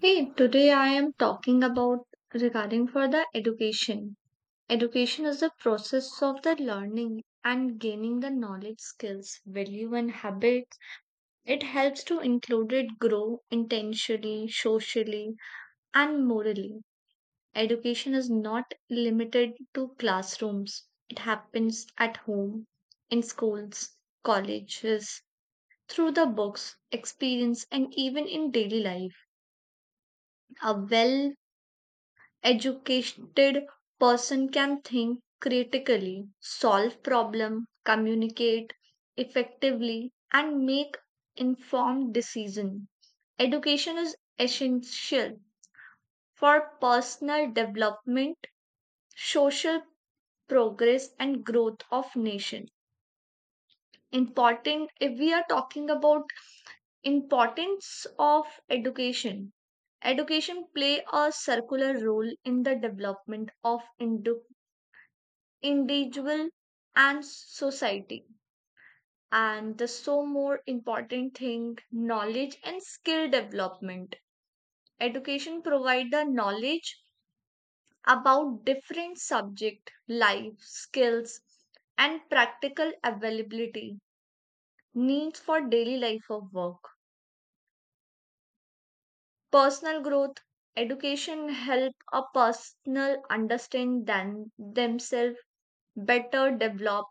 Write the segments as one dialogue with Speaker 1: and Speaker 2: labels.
Speaker 1: Hey, today I am talking about regarding for the education. Education is the process of the learning and gaining the knowledge, skills, value, and habits. It helps to include it grow intentionally, socially, and morally. Education is not limited to classrooms. It happens at home, in schools, colleges, through the books, experience, and even in daily life. A well educated person can think critically, solve problem, communicate effectively and make informed decision. Education is essential for personal development, social progress and growth of nation. Important, if we are talking about importance of education. Education play a circular role in the development of Indo individual and society. And the so more important thing, knowledge and skill development. Education provide the knowledge about different subject, life, skills, and practical availability needs for daily life of work. Personal growth, education help a personal understand than themselves better develop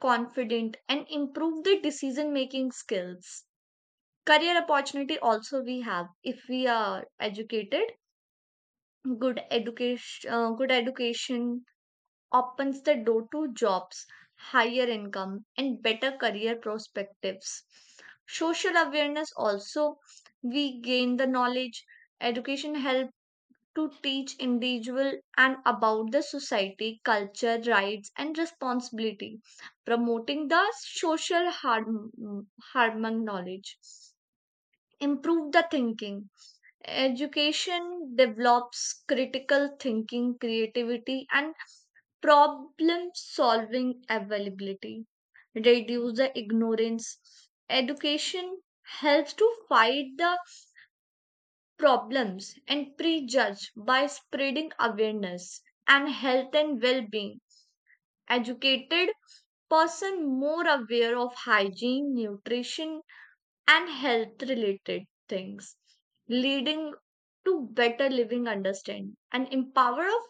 Speaker 1: confident and improve the decision making skills, career opportunity also we have if we are educated. Good education opens the door to jobs, higher income and better career perspectives. Social awareness also, we gain the knowledge. Education help to teach individual and about the society culture rights and responsibility, promoting the social harm harmon knowledge, improve the thinking. Education develops critical thinking, creativity, and problem solving availability, reduce the ignorance. Education helps to fight the problems and prejudge by spreading awareness and health and well being. Educated person more aware of hygiene, nutrition, and health related things, leading to better living understand and empower of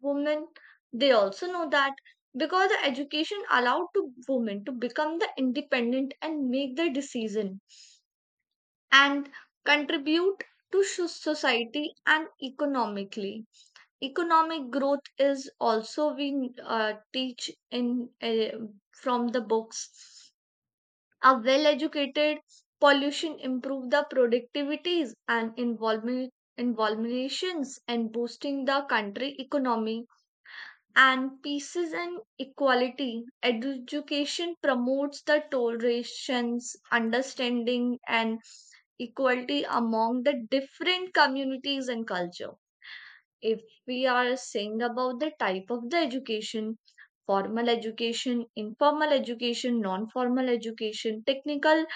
Speaker 1: women. They also know that because the education allowed to women to become the independent and make their decision and contribute to society, and economic growth is also we teach in from the books are well educated, pollution improve the productivities and involvement involvations and boosting the country economy. And pieces and equality, education promotes the tolerations, understanding, and equality among the different communities and culture. If we are saying about the type of the education: formal education, informal education, non formal education, technical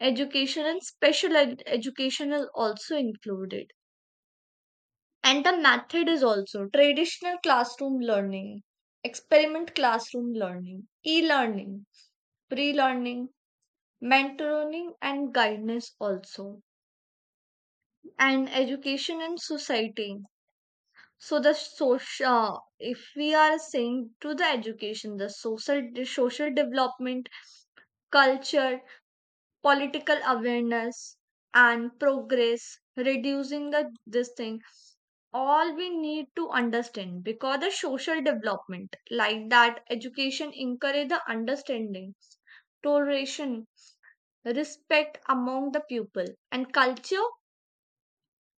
Speaker 1: education, and education is also included. And the method is also traditional classroom learning, experiment classroom learning, e-learning, pre-learning, mentoring and guidance also. And education and society, so the social, if we are saying to the education, the social development, culture, political awareness and progress, reducing the this thing, all we need to understand. Because the social development like that, education encourage the understanding, toleration, respect among the people and culture.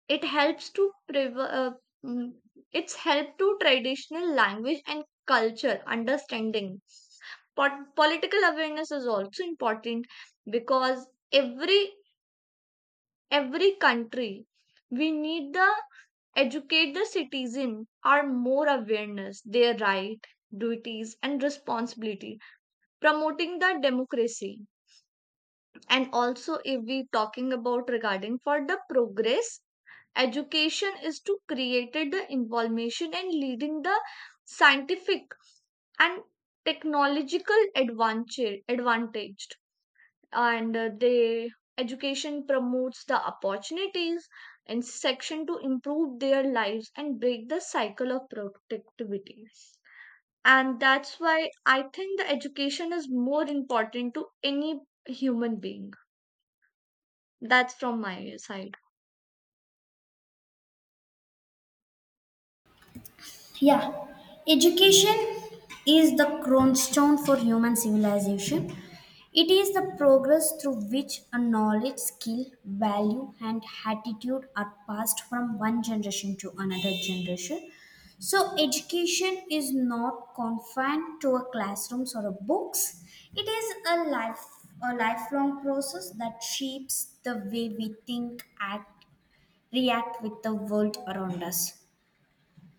Speaker 1: it helps to prev- uh, mm, it's help to traditional language and culture understanding. Political awareness is also important because every country, we need the educate the citizen are more awareness, their right, duties, and responsibility, promoting the democracy. And also, if we talking about regarding for the progress, education is to create the involvement and leading the scientific and technological advantage. And they, education promotes the opportunities and section to improve their lives and break the cycle of productivity. And that's why I think the education is more important to any human being. That's from my side.
Speaker 2: Yeah, education is the cornerstone for human civilization. It is the progress through which a knowledge, skill, value, and attitude are passed from one generation to another generation. So, education is not confined to a classrooms or a books. It is a life, a lifelong process that shapes the way we think, act, react with the world around us.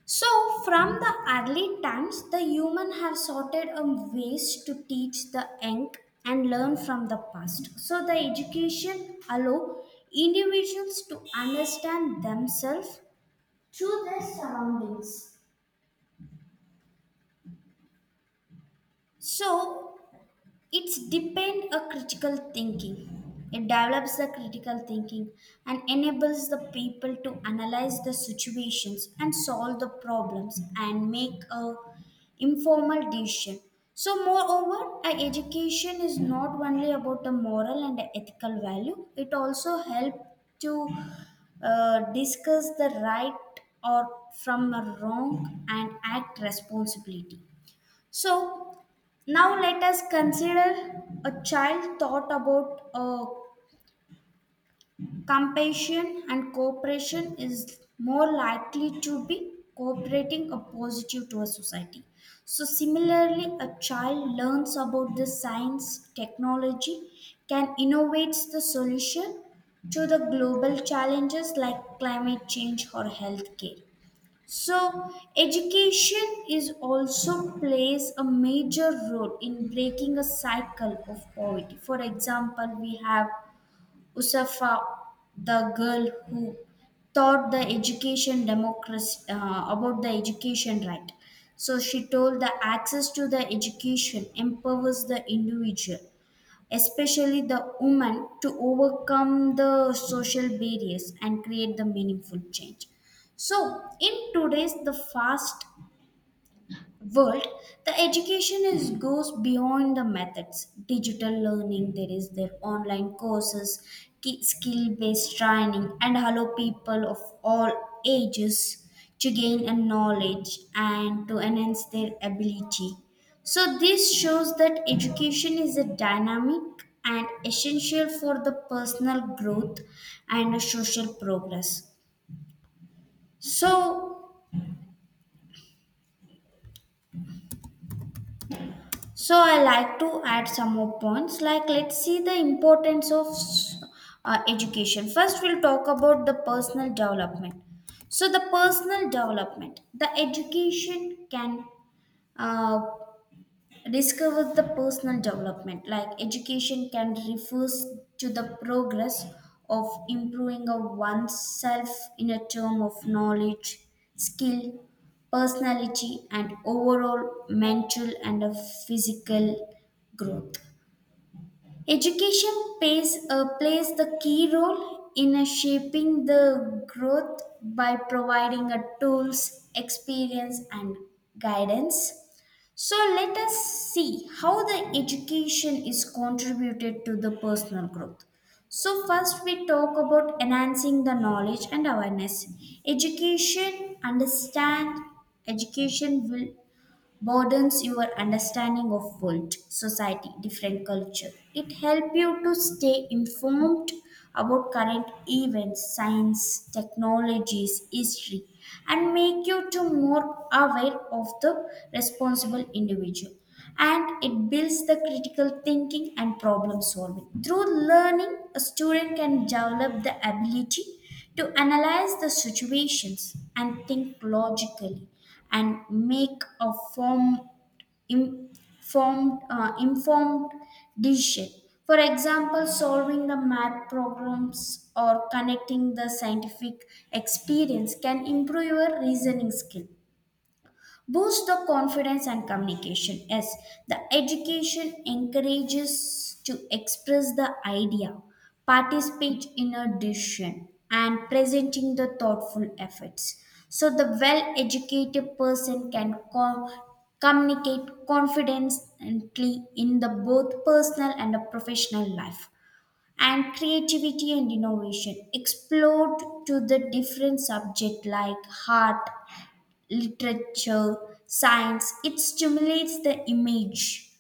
Speaker 2: So, from the early times, the human have sorted a ways to teach the young and learn from the past. So, the education allow individuals to understand themselves through their surroundings. So, it's depend a critical thinking it develops the critical thinking and enables the people to analyze the situations and solve the problems and make a informal decision. So moreover, a education is not only about the moral and the ethical value, it also help to discuss the right or from a wrong and act responsibility. So now let us consider a child thought about compassion and cooperation is more likely to be cooperating or positive to a society. So similarly, a child learns about the science, technology, can innovate the solution to the global challenges like climate change or healthcare. So, education is also plays a major role in breaking a cycle of poverty. For example, we have Usafa, the girl who taught the education democracy about the education right. So she told the access to the education empowers the individual, especially the women, to overcome the social barriers and create the meaningful change. So, in today's the fast world, the education is goes beyond the methods, digital learning, there is their online courses, skill based training, and allow people of all ages to gain a knowledge and to enhance their ability. So this shows that education is a dynamic and essential for the personal growth and a social progress. So, so I like to add some more points. Like, let's see the importance of education. First, we'll talk about the personal development. So the personal development, the education can uh, discover the personal development, like education can refers to the progress of improving of oneself in a term of knowledge, skill, personality, and overall mental and physical growth. Education plays the key role in shaping the growth by providing a tools, experience, and guidance. So let us see how the education is contributed to the personal growth. So first we talk about enhancing the knowledge and awareness. Education understand Education will broadens your understanding of world, society, different culture. It helps you to stay informed about current events, science, technologies, history, and make you to more aware of the responsible individual. And it builds the critical thinking and problem solving. Through learning, a student can develop the ability to analyze the situations and think logically and make a informed decision. For example, solving the math problems or connecting the scientific experience can improve your reasoning skill, boost the confidence and communication. Yes, the education encourages to express the idea, participate in a decision, and presenting the thoughtful efforts. So the well educated person can communicate confidently in the both personal and the professional life. And creativity and innovation explored to the different subject like art, literature, science, it stimulates the image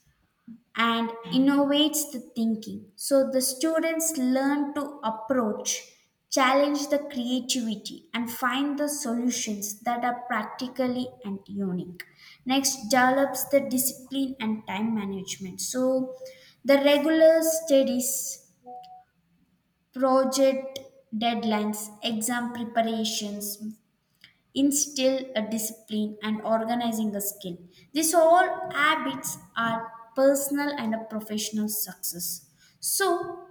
Speaker 2: and innovates the thinking. So the students learn to approach, challenge the creativity, and find the solutions that are practically and unique. Next, develops the discipline and time management. So the regular studies, project deadlines, exam preparations, instill a discipline and organizing a skill. These all habits are personal and a professional success. So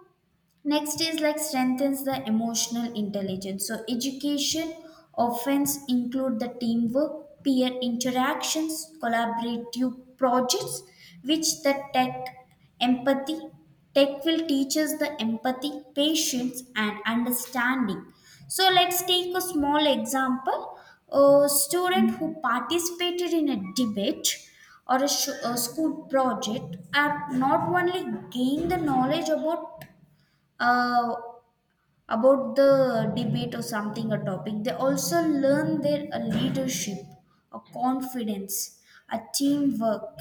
Speaker 2: next is like strengthens the emotional intelligence. So education often include the teamwork, peer interactions, collaborative projects, which the tech empathy tech will teach us the empathy, patience, and understanding. So let's take a small example. A student who participated in a debate or a school project are not only gain the knowledge uh, about the debate or something a topic. They also learn their leadership, a confidence, a teamwork,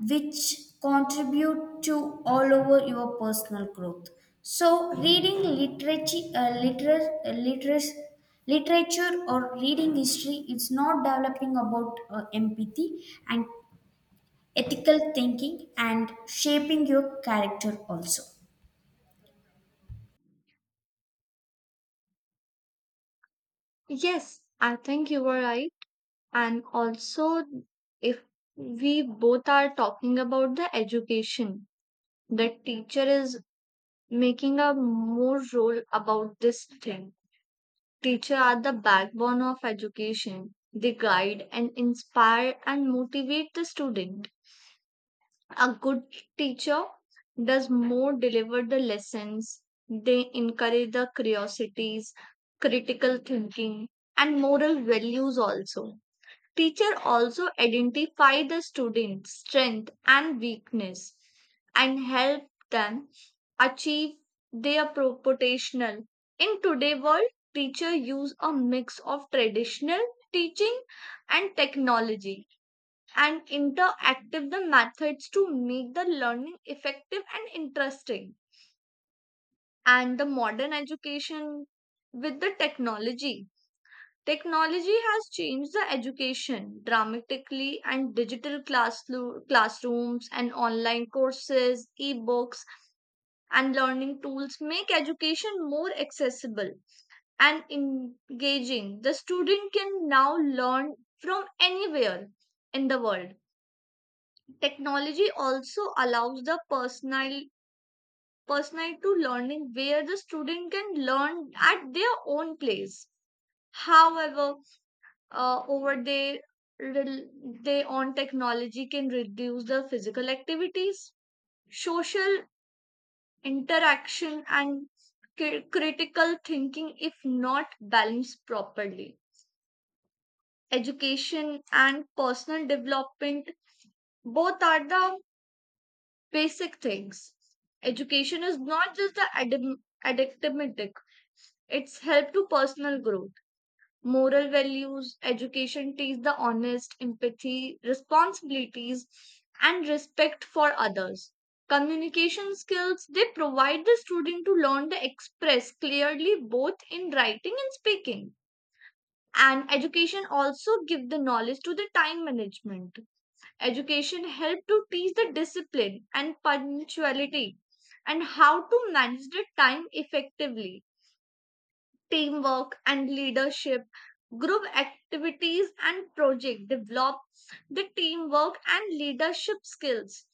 Speaker 2: which contribute to all over your personal growth. So, reading literature, literature, or reading history, it's not developing about empathy and ethical thinking and shaping your character also.
Speaker 1: Yes, I think you were right. And also, if we both are talking about the education, the teacher is making a more role about this thing. Teachers are the backbone of education. They guide and inspire and motivate the student. A good teacher does more deliver the lessons. They encourage the curiosities, critical thinking, and moral values also. Teacher also identify the student's strength and weakness and help them achieve their potential. In today's world, teacher use a mix of traditional teaching and technology and interactive the methods to make the learning effective and interesting. And the modern education with the technology. Technology has changed the education dramatically, and digital classrooms and online courses, e-books, and learning tools make education more accessible and engaging. The student can now learn from anywhere in the world. Technology also allows the personal to learning where the student can learn at their own place. However, over they rel- day on technology can reduce the physical activities, social interaction, and critical thinking if not balanced properly. Education and personal development, both are the basic things. Education is not just the addictive, it's help to personal growth, moral values. Education teach the honest, empathy, responsibilities, and respect for others. Communication skills, they provide the student to learn to express clearly both in writing and speaking. And education also give the knowledge to the time management. Education help to teach the discipline and punctuality and how to manage the time effectively. Teamwork and leadership, group activities and project develop the teamwork and leadership skills.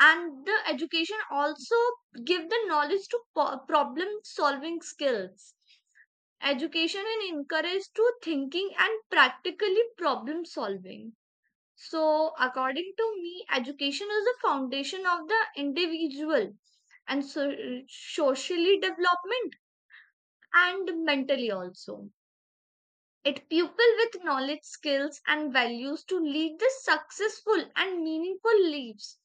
Speaker 1: And the education also give the knowledge to problem solving skills, education and encourage to thinking and practically problem solving. So according to me, education is the foundation of the individual and so socially development and mentally also. It pupil with knowledge, skills, and values to lead the successful and meaningful lives.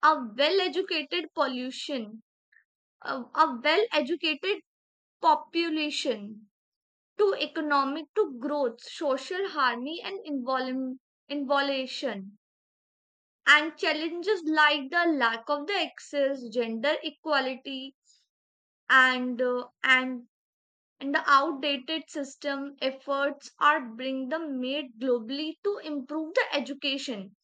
Speaker 1: A well educated pollution, a well educated population to economic to growth, social harmony, and involution. And challenges like the lack of the access, gender equality, and and the outdated system efforts are bring the made globally to improve the education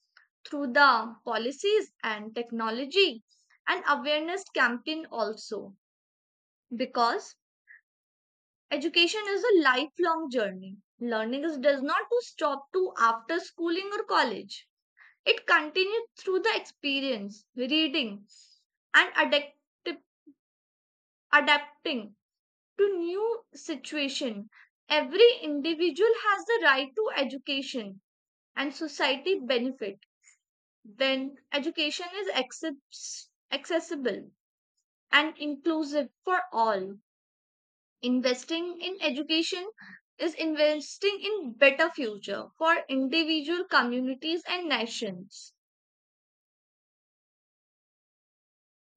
Speaker 1: through the policies and technology and awareness campaign also. Because education is a lifelong journey, learning is, does not to stop to after schooling or college. It continues through the experience, reading, and adapting to new situation. Every individual has the right to education, and society benefit when education is accessible and inclusive for all. Investing in education is investing in better future for individual communities and nations.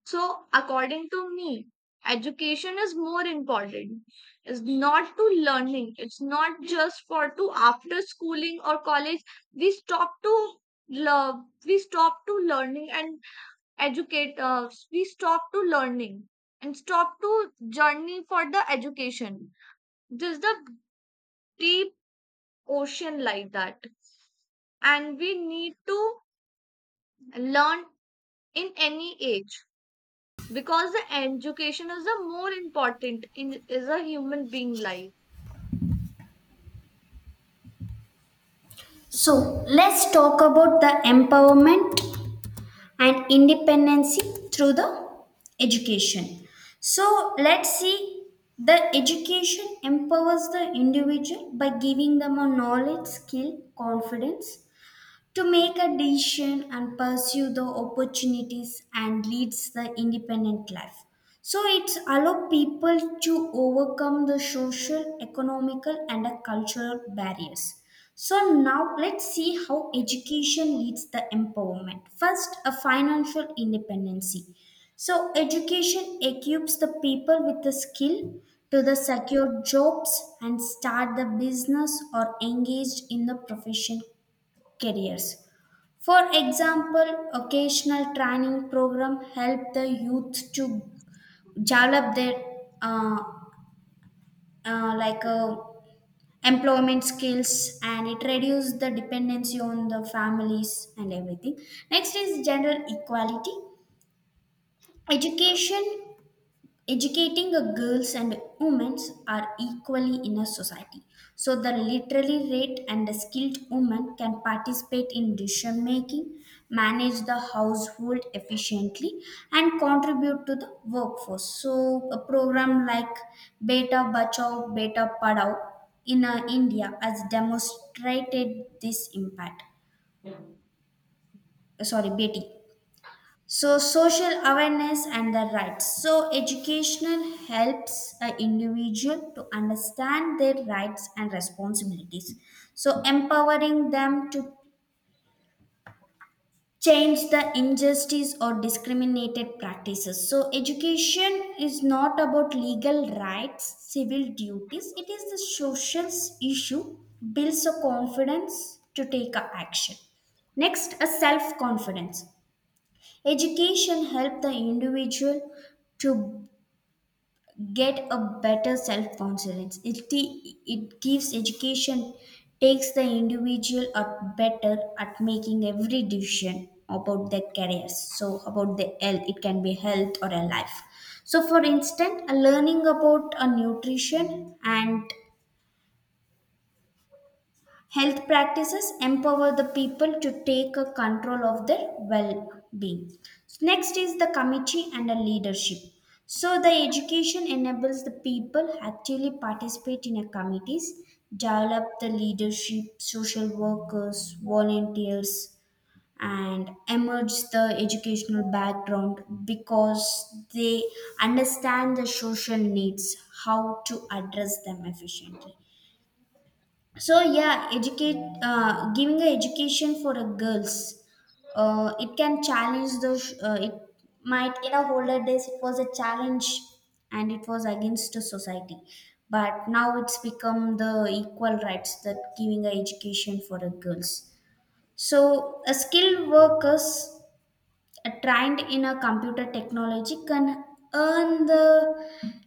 Speaker 1: So, according to me, education is more important. It's not to learning. It's not just for to after schooling or college. We stop to love. We stop to learning and educate. We stop to learning and stop to journey for the education. This is the deep ocean like that, and we need to learn in any age because the education is a more important in is a human being life.
Speaker 2: So let's talk about the empowerment and independency through the education. So let's see, the education empowers the individual by giving them a knowledge, skill, confidence to make a decision and pursue the opportunities and leads the independent life. So it's allow people to overcome the social, economical, and cultural barriers. So now let's see how education leads the empowerment. First, a financial independency. So education equips the people with the skill to the secure jobs and start the business or engaged in the profession careers. For example, occasional training program help the youth to develop their uh, uh, like uh, employment skills, and it reduce the dependency on the families and everything. Next is gender equality. Education Educating a girls and women are equally in a society. So the literally rate and the skilled woman can participate in decision making, manage the household efficiently, and contribute to the workforce. So a program like Beta Bachao, Beta Padhao in India has demonstrated this impact. Sorry, Beti. So, social awareness and their rights. So, educational helps an individual to understand their rights and responsibilities. So, empowering them to change the injustice or discriminated practices. So, education is not about legal rights, civil duties, it is the social issue, builds a confidence to take a action. Next, a self confidence. Education helps the individual to get a better self-confidence. It gives education takes the individual up better at making every decision about their careers. So about the health, it can be health or a life. So for instance, a learning about a nutrition and health practices empower the people to take a control of their well-being. Next is the committee and the leadership. So the education enables the people actively participate in a committees, develop the leadership, social workers, volunteers, and emerge the educational background because they understand the social needs, how to address them efficiently. So yeah, educate giving a education for a girls, it can challenge the it might, in a older days it was a challenge and it was against the society, but now it's become the equal rights that giving a education for the girls. So a skilled workers trained in a computer technology can earn the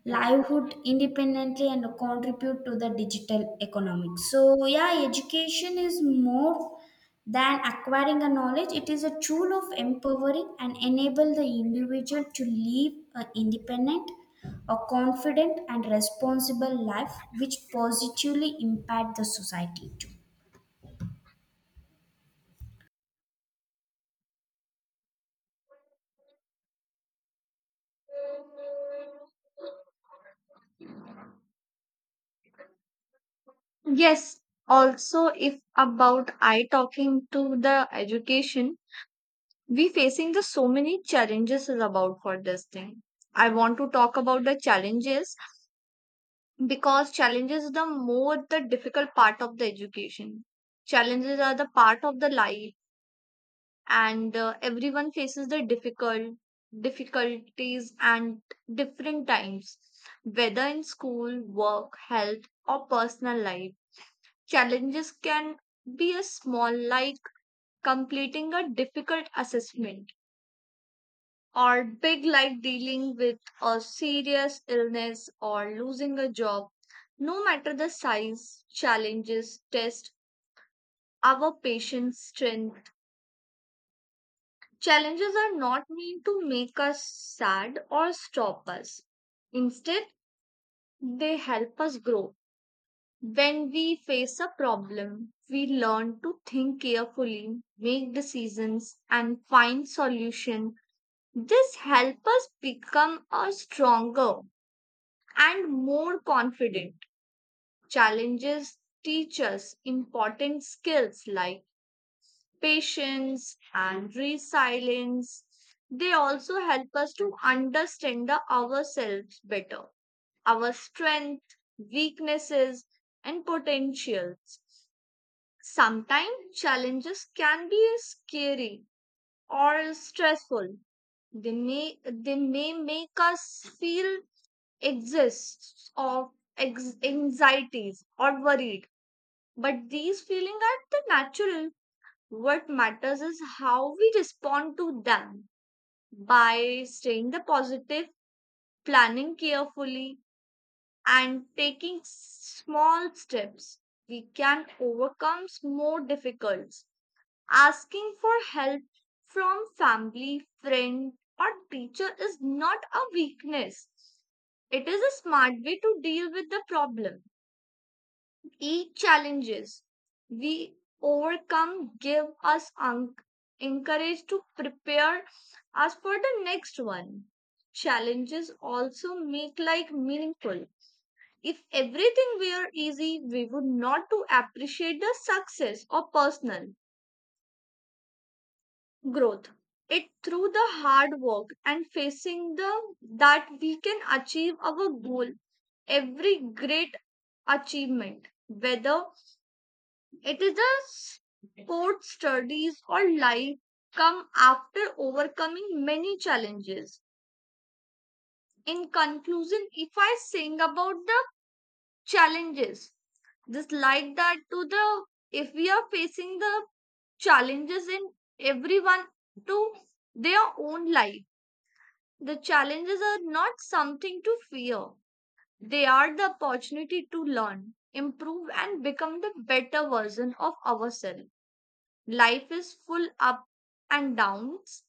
Speaker 2: livelihood independently and contribute to the digital economics. So yeah, education is more than acquiring a knowledge, it is a tool of empowering and enable the individual to live an independent, a confident and responsible life, which positively impact the society too.
Speaker 1: Yes, also if about I talking to the education, we facing the so many challenges is about for this thing. I want to talk about the challenges because challenges the more the difficult part of the education. Challenges are the part of the life, and everyone faces the difficulties and different times, whether in school, work, health, or personal life. Challenges can be as small like completing a difficult assessment, or big like dealing with a serious illness or losing a job. No matter the size, challenges test our patience, strength. Challenges are not meant to make us sad or stop us. Instead, they help us grow. When we face a problem, we learn to think carefully, make decisions, and find solutions. This helps us become a stronger and more confident. Challenges teach us important skills like patience and resilience. They also help us to understand the ourselves better, our strength, weaknesses, and potentials. Sometimes challenges can be scary or stressful. They may make us feel exists of anxieties or worried, but these feelings are the natural. What matters is how we respond to them by staying the positive, planning carefully, and taking small steps. We can overcome more difficulties. Asking for help from family, friend, or teacher is not a weakness. It is a smart way to deal with the problem. Each challenges we overcome give us encourage to prepare us for the next one. Challenges also make life meaningful. If everything were easy, we would not to appreciate the success or personal growth. It through the hard work and facing the that we can achieve our goal. Every great achievement, whether it is a sport, studies, or life, come after overcoming many challenges. In conclusion, if I sing about the challenges, just like that to the if we are facing the challenges in everyone to their own life, the challenges are not something to fear. They are the opportunity to learn, improve, and become the better version of ourselves. Life is full up and downs,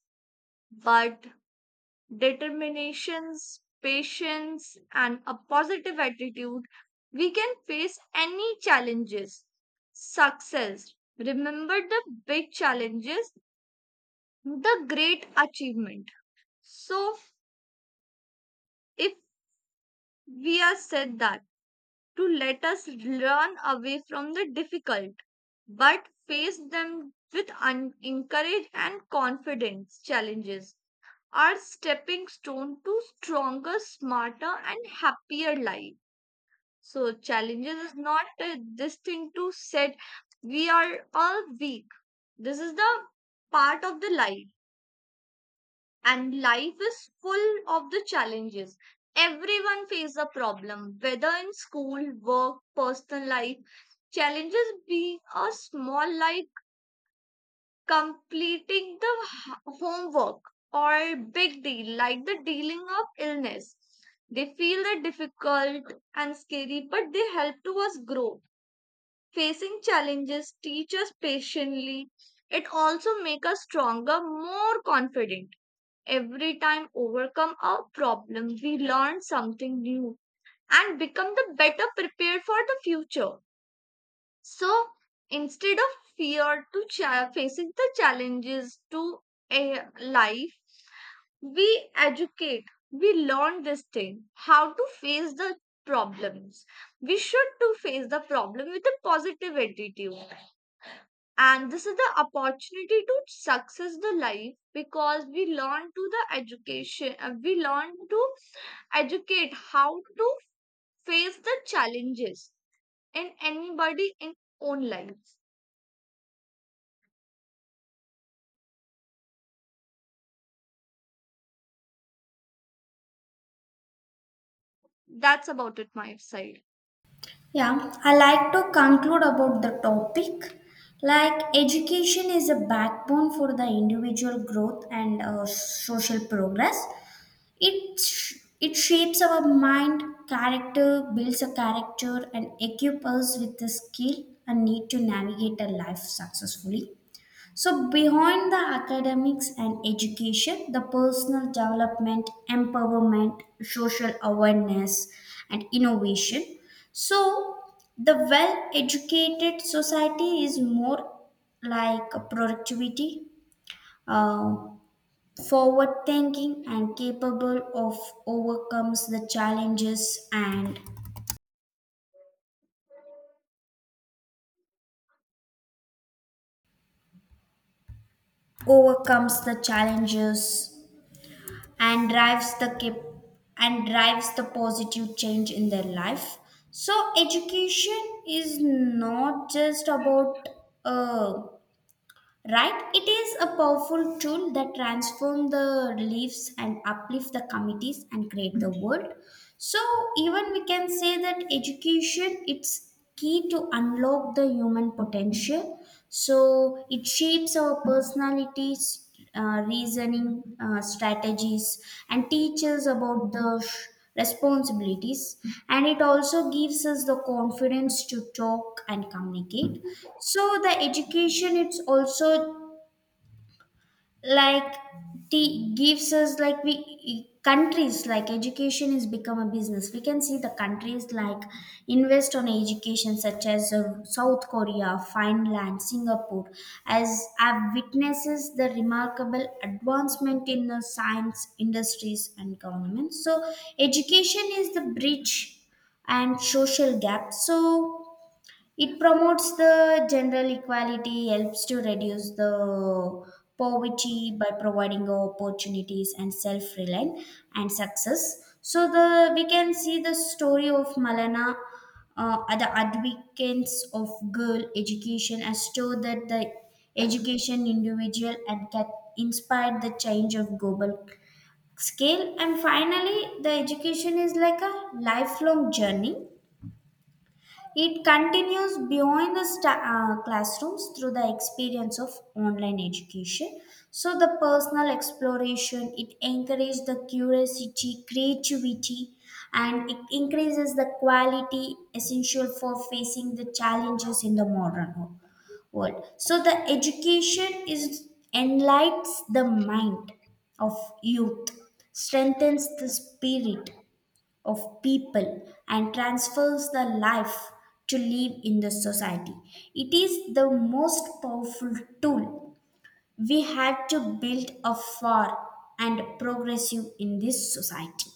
Speaker 1: but determinations, patience, and a positive attitude, we can face any challenges. Success. Remember the big challenges, the great achievement. So, if we are said that to let us run away from the difficult, but face them with encourage and confidence, challenges are stepping stone to stronger, smarter, and happier life. So challenges is not this thing to set we are all weak. This is the part of the life, and life is full of the challenges. Everyone faces a problem, whether in school, work, personal life. Challenges being a small life, completing the homework, or big deal like the dealing of illness. They feel the difficult and scary, but they help to us grow. Facing challenges teach us patiently. It also make us stronger, more confident. Every time overcome a problem, we learn something new and become the better prepared for the future. So instead of fear to facing the challenges to a life, we educate. We learn this thing how to face the problems. We should to face the problem with a positive attitude. And this is the opportunity to success the life because we learn to the education. We learn to educate how to face the challenges in anybody in own life. That's about it, my side.
Speaker 2: Yeah, I like to conclude about the topic. Like, education is a backbone for the individual growth and social progress. It sh- it shapes our mind, character, builds a character, and equips us with the skill and need to navigate a life successfully. So, behind the academics and education, the personal development, empowerment, social awareness, and innovation. So, the well educated society is more like a productivity, uh, forward thinking, and capable of overcomes the challenges and overcomes the challenges and drives the positive change in their life. So education is not just about uh, right, it is a powerful tool that transform the lives and uplift the communities and create the world. So even we can say that education, it's key to unlock the human potential. So it shapes our personalities, reasoning strategies, and teaches about the responsibilities, and it also gives us the confidence to talk and communicate. So the education it's also like t gives us like we countries like education is become a business. We can see the countries like invest on education such as South Korea, Finland, Singapore, as have witnesses the remarkable advancement in the science industries and government. So education is the bridge and social gap. So it promotes the general equality, helps to reduce the poverty by providing opportunities and self-reliance and success. So the we can see the story of Malana, are the advocates of girl education, as to that the education individual and can inspire the change of global scale. And finally, the education is like a lifelong journey. It continues beyond the classrooms through the experience of online education. So, the personal exploration, it encourages the curiosity, creativity, and it increases the quality essential for facing the challenges in the modern world. So, the education is enlightens the mind of youth, strengthens the spirit of people, and transfers the life to live in the society. It is the most powerful tool we had to build a far and progressive in this society.